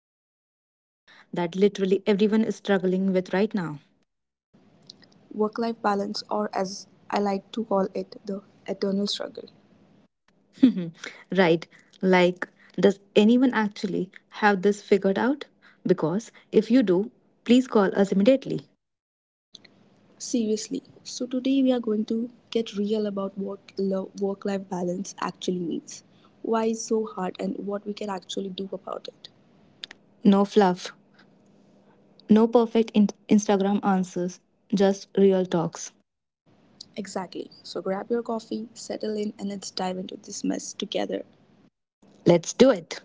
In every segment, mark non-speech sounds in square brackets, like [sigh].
tackling something that literally everyone is struggling with right now. Work life balance, or as I like to call it, the eternal struggle. [laughs] Right? Like, does anyone actually have this figured out? Because if you do, please call us immediately. Seriously, so today we are going to get real about work life balance actually means, why it's so hard, and what we can actually do about it. No fluff, no perfect Instagram answers, just real talks. Exactly. So grab your coffee, settle in, and let's dive into this mess together. Let's do it.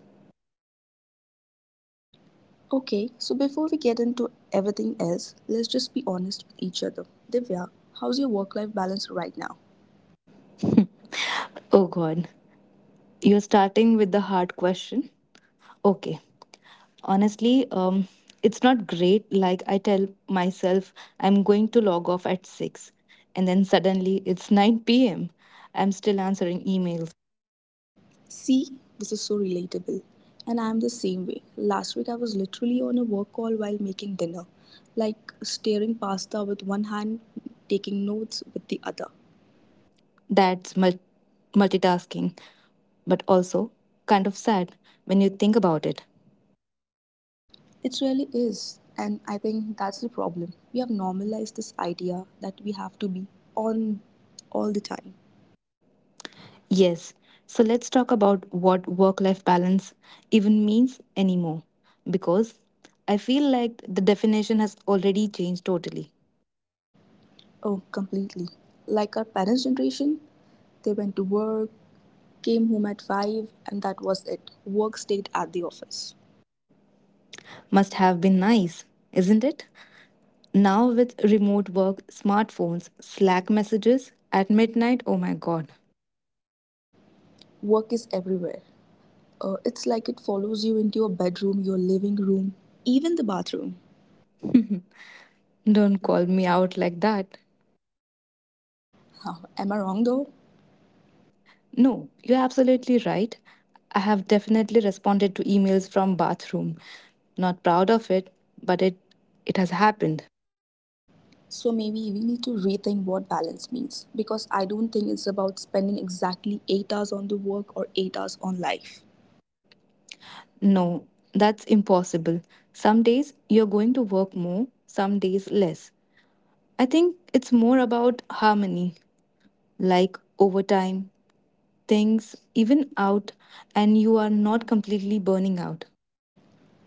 Okay, so before we get into everything else, let's just be honest with each other. Divya, how's your work life balance right now? [laughs] Oh god, you're starting with the hard question? Okay, honestly it's not great. Like, I tell myself I'm going to log off at 6, and then suddenly it's 9 p.m. I'm still answering emails. See, this is so relatable. And I'm the same way. Last week I was literally on a work call while making dinner, like stirring pasta with one hand, taking notes with the other. That's multitasking, but also kind of sad when you think about it. It really is. And I think that's the problem. We have normalized this idea that we have to be on all the time. Yes, so let's talk about what work life balance even means anymore, because I feel like the definition has already changed totally. Oh, completely. Like our parents' generation, they went to work, came home at 5, and that was it. Work stayed at the office. Must have been nice, isn't it? Now, with remote work, smartphones, Slack messages at midnight, oh my god, Work is everywhere. It's like it follows you into your bedroom, your living room, even the bathroom. don't call me out like that. [laughs] Huh, am I wrong though? No, you're absolutely right. I have definitely responded to emails from bathroom. Not proud of it, but it has happened. So maybe we need to rethink what balance means because I don't think it's about spending exactly 8 hours on the work or 8 hours on life. No, that's impossible. Some days you're going to work more, some days less. I think it's more about harmony, like overtime, things even out and you are not completely burning out.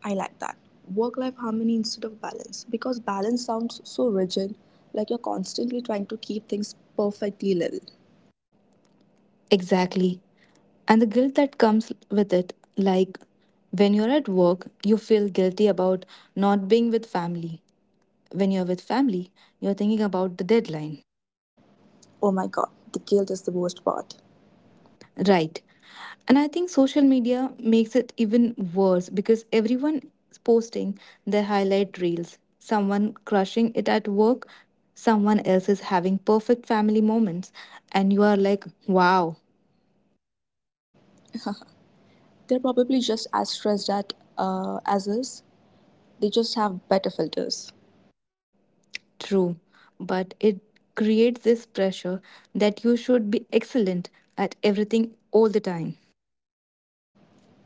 I like that. Work life harmony instead of balance because balance sounds so rigid, like you're constantly trying to keep things perfectly level. Exactly. And the guilt that comes with it, like when you're at work, you feel guilty about not being with family. When you're with family, you're thinking about the deadline. Oh my god, the guilt is the worst part. Right. And I think social media makes it even worse, because everyone is posting their highlight reels. Someone crushing it at work, someone else is having perfect family moments, and you are like, wow. [laughs] They're probably just as stressed at as us. They just have better filters. True, but it creates this pressure that you should be excellent at everything all the time.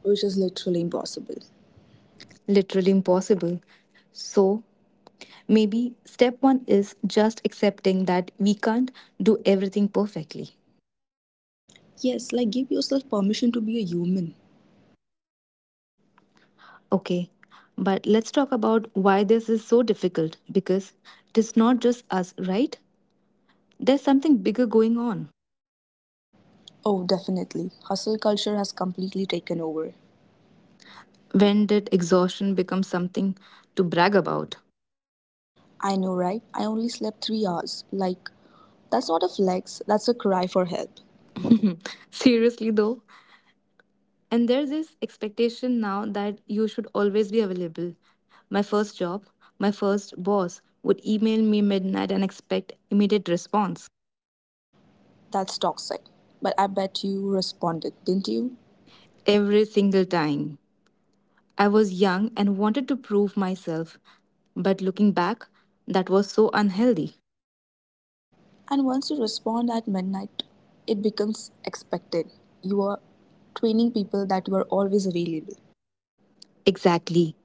Which is literally impossible. Literally impossible. So, maybe step one is just accepting that we can't do everything perfectly. Yes, like give yourself permission to be a human. Okay, but let's talk about why this is so difficult, because it is not just us, right? There's something bigger going on. Oh, definitely. Hustle culture has completely taken over. When did exhaustion become something to brag about? I know, right? I only slept 3 hours. Like, that's not a flex, that's a cry for help. [laughs] Seriously, though, and there's this expectation now that you should always be available. My first job, my first boss would email me midnight and expect immediate response That's toxic. But I bet you responded, didn't you? every single time. I was young and wanted to prove myself, but looking back, that was so unhealthy. And once you respond at midnight, it becomes expected. You are training people that you are always available. Exactly.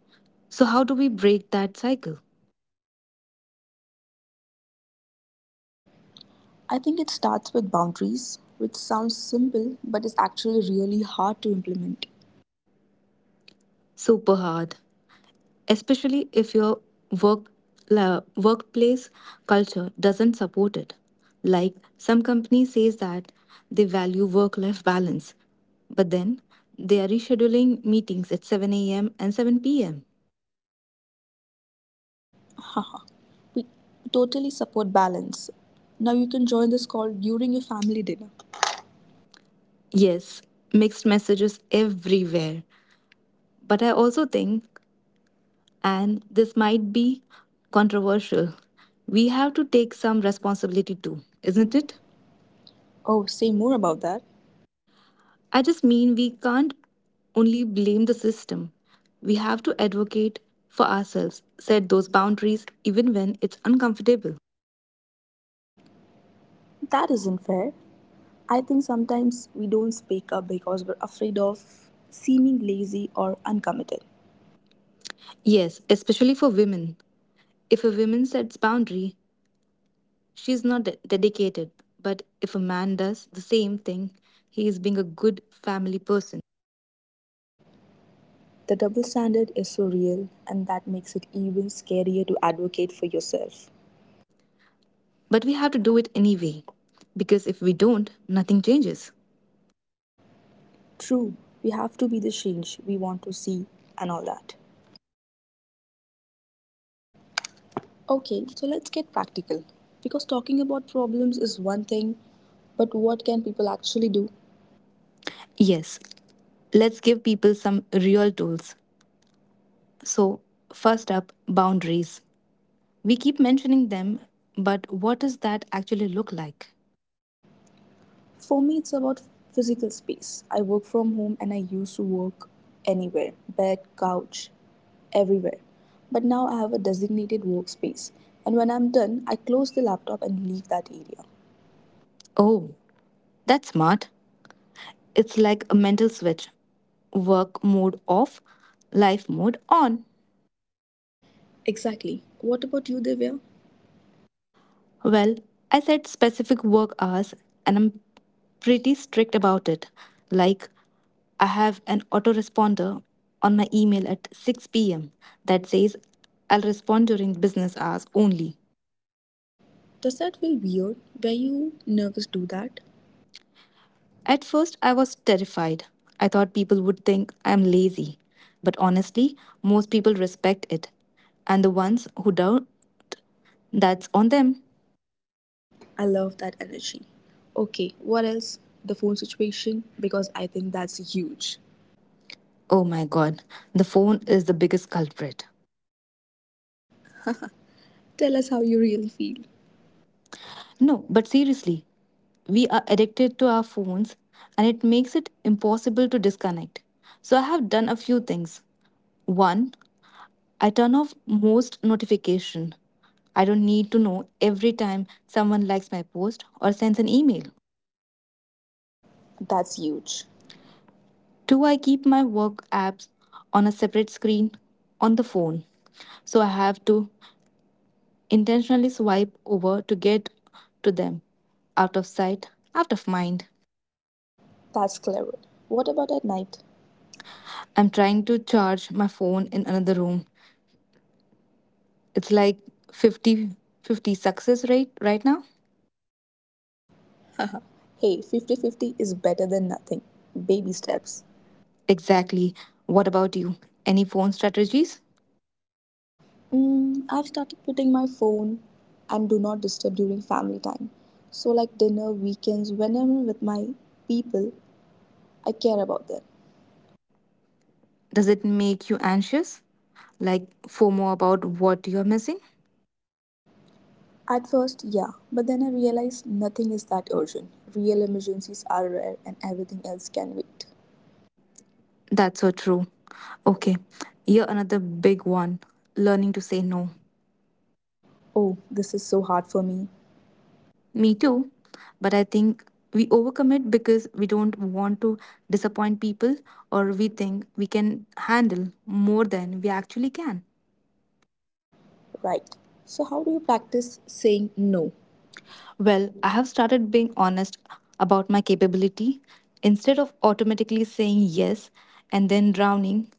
So, how do we break that cycle? I think it starts with boundaries, which sounds simple but is actually really hard to implement. Super hard. Especially if your work workplace culture doesn't support it. Like, some companies says that they value work life balance, but then they are rescheduling meetings at 7 a.m. and 7 p.m. Haha, we totally support balance. Now you can join this call during your family dinner. Yes, mixed messages everywhere. But I also think, and this might be controversial, we have to take some responsibility too. Isn't Isn't it? it? Oh, say more about that. I just mean we can't only blame the system. We have to advocate for ourselves, set those boundaries even when it's uncomfortable. That isn't fair. I think sometimes we don't speak up because we're afraid of seeming lazy or uncommitted. Yes, especially for women. If a woman sets boundary, she is not dedicated. But if a man does the same thing, he is being a good family person. The double standard is so real, and that makes it even scarier to advocate for yourself. But we have to do it anyway, because if we don't, nothing changes. True, we have to be the change we want to see and all that. Okay, so let's get practical. Because talking about problems is one thing, but what can people actually do? Yes, let's give people some real tools. So, first up, boundaries. We keep mentioning them, but what does that actually look like? For me, it's about physical space. I work from home and I used to work anywhere, bed, couch, everywhere. But now I have a designated workspace. And when I'm done, I close the laptop and leave that area. Oh, that's smart. It's like a mental switch: work mode off, life mode on. Exactly. What about you, Divya? Well, I set specific work hours and I'm pretty strict about it. Like, I have an autoresponder on my email at 6 p.m. that says I'll respond during business hours only. Does that feel weird? Were you nervous to do that? At first, I was terrified. I thought people would think I am lazy. But honestly, most people respect it. And the ones who doubt, that's on them. I love that energy. Okay, what else? The phone situation, because I think that's huge. Oh my god, the phone is the biggest culprit. Tell us how you really feel. No, but seriously, we are addicted to our phones and it makes it impossible to disconnect. So I have done a few things. One, I turn off most notification. I don't need to know every time someone likes my post or sends an email. That's huge. Do I keep my work apps on a separate screen on the phone? So I have to intentionally swipe over to get to them. Out of sight, out of mind. That's clever. What about at night? I'm trying to charge my phone in another room. It's like 50-50 success rate right now. [laughs] Haha. Hey, 50-50 is better than nothing. Baby Baby steps. steps. Exactly. What about you? Any phone strategies? Mm, I've started putting my phone and do not disturb during family time. So, like dinner, weekends, whenever with my people, I care about them. Does it make you anxious? Like FOMO about what you're missing? At first, yeah, but then I realized nothing is that urgent. Real emergencies are rare and everything else can wait. That's so true. Okay, here another big one: learning to say no. Oh, this is so hard for me. Me too, but I think we overcommit because we don't want to disappoint people, or we think we can handle more than we actually can. Right. So, how do you practice saying no? Well, I have started being honest about my capability. Instead of automatically saying yes and then drowning,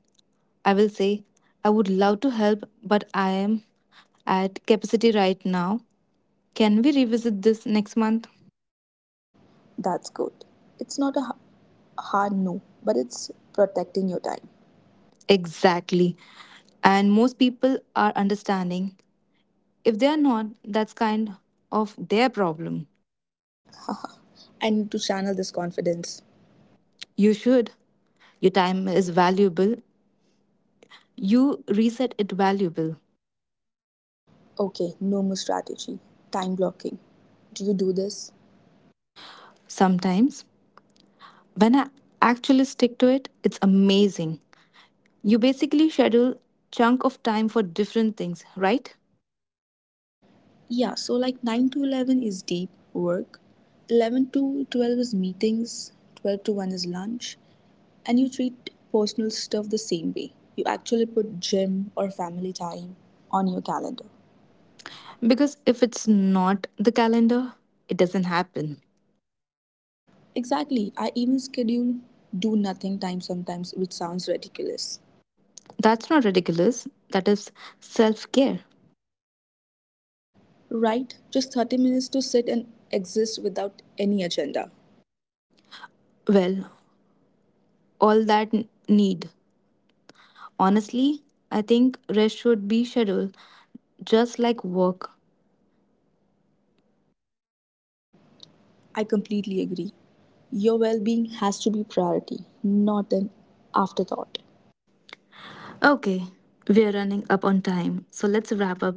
I will say, I would love to help, but I am at capacity right now. Can we revisit this next month? That's good. It's not a hard no, but it's protecting your time. Exactly. And most people are understanding. If they are not, that's kind of their problem. Haha. [laughs] I need to channel this confidence. You should. Your time is valuable. You reset it valuable. Okay, no more strategy. Time blocking. Do you do this? Sometimes, when I actually stick to it, it's amazing. You basically schedule chunk of time for different things, right? Yeah, so like 9 to 11 is deep work, 11 to 12 is meetings, 12 to 1 is lunch, and you treat personal stuff the same way. You actually put gym or family time on your calendar. Because if it's not the calendar, it doesn't happen. Exactly, I even schedule do nothing time sometimes, which sounds ridiculous. That's not ridiculous. That is self care. Right? Just 30 minutes to sit and exist without any agenda. Well, all that need. Honestly, I think rest should be scheduled just like work. I completely agree. Your well being has to be priority, not an afterthought. Okay, we're running up on time, so let's wrap up.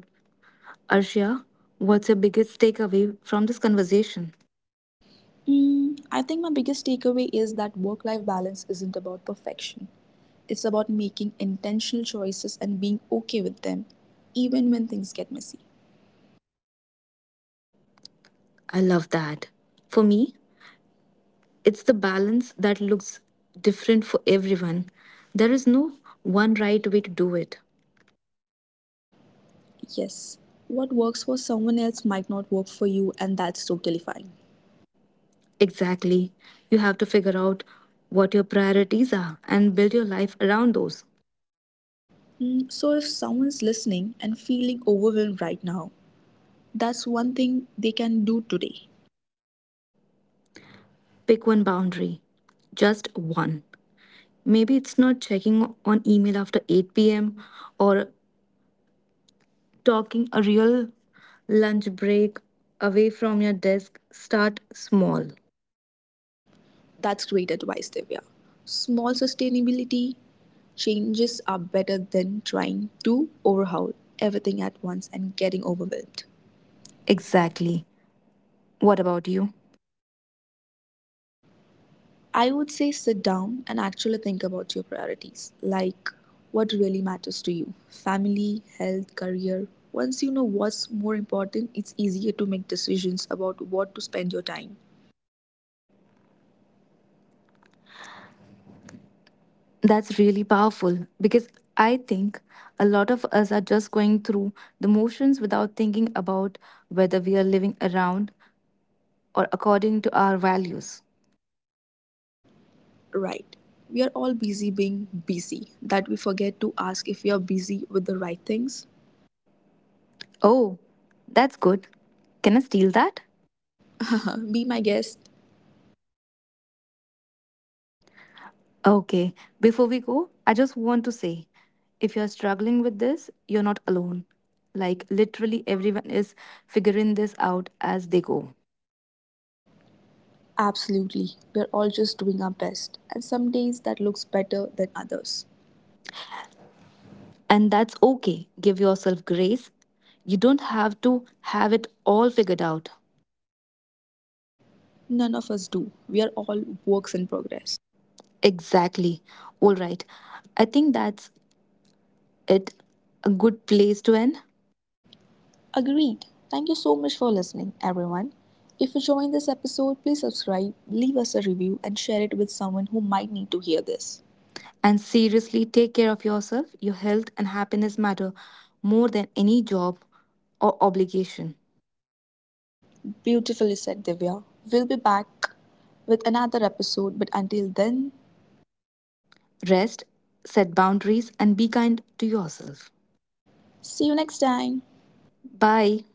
Arshia, what's your biggest takeaway from this conversation? Mm, I think my biggest takeaway is that work life balance isn't about perfection. It's about making intentional choices and being okay with them, even when things get messy. I love that. For me, it's the balance that looks different for everyone. There is no one right way to do it. Yes, what works for someone else might not work for you, and that's totally fine. Exactly. You have to figure out what your priorities are and build your life around those. Mm, so, if someone's listening and feeling overwhelmed right now, that's one thing they can do today. Pick one boundary, just one. Maybe it's not checking on email after 8 p.m., or talking a real lunch break away from your desk. Start small. That's great advice, Divya. Small sustainability changes are better than trying to overhaul everything at once and getting overwhelmed. Exactly. Exactly. What about you? I would say sit down and actually think about your priorities, like what really matters to you, family, health, career. Once you know what's more important, it's easier to make decisions about what to spend your time. That's really powerful, because I think a lot of us are just going through the motions without thinking about whether we are living around or according to our values. Right. We are all busy being busy, that we forget to ask if we are busy with the right things. Oh, that's good. Can I steal that? [laughs] Be my guest. Okay, before we go, I just want to say, if you're struggling with this, you're not alone. Like, literally, everyone is figuring this out as they go. Absolutely. We're all just doing our best. And some days that looks better than others. And that's okay. Give yourself grace. You don't have to have it all figured out. None of us do. We are all works in progress. Exactly. All right. I think that's it. A good place to end. Agreed. Thank you so much for listening, everyone. If you joined this episode, please subscribe, leave us a review, and share it with someone who might need to hear this. And seriously, take care of yourself. Your health and happiness matter more than any job or obligation. Beautifully said, Divya. We'll be back with another episode, but until then, Rest, set boundaries, and be kind to yourself. see you next time. Bye.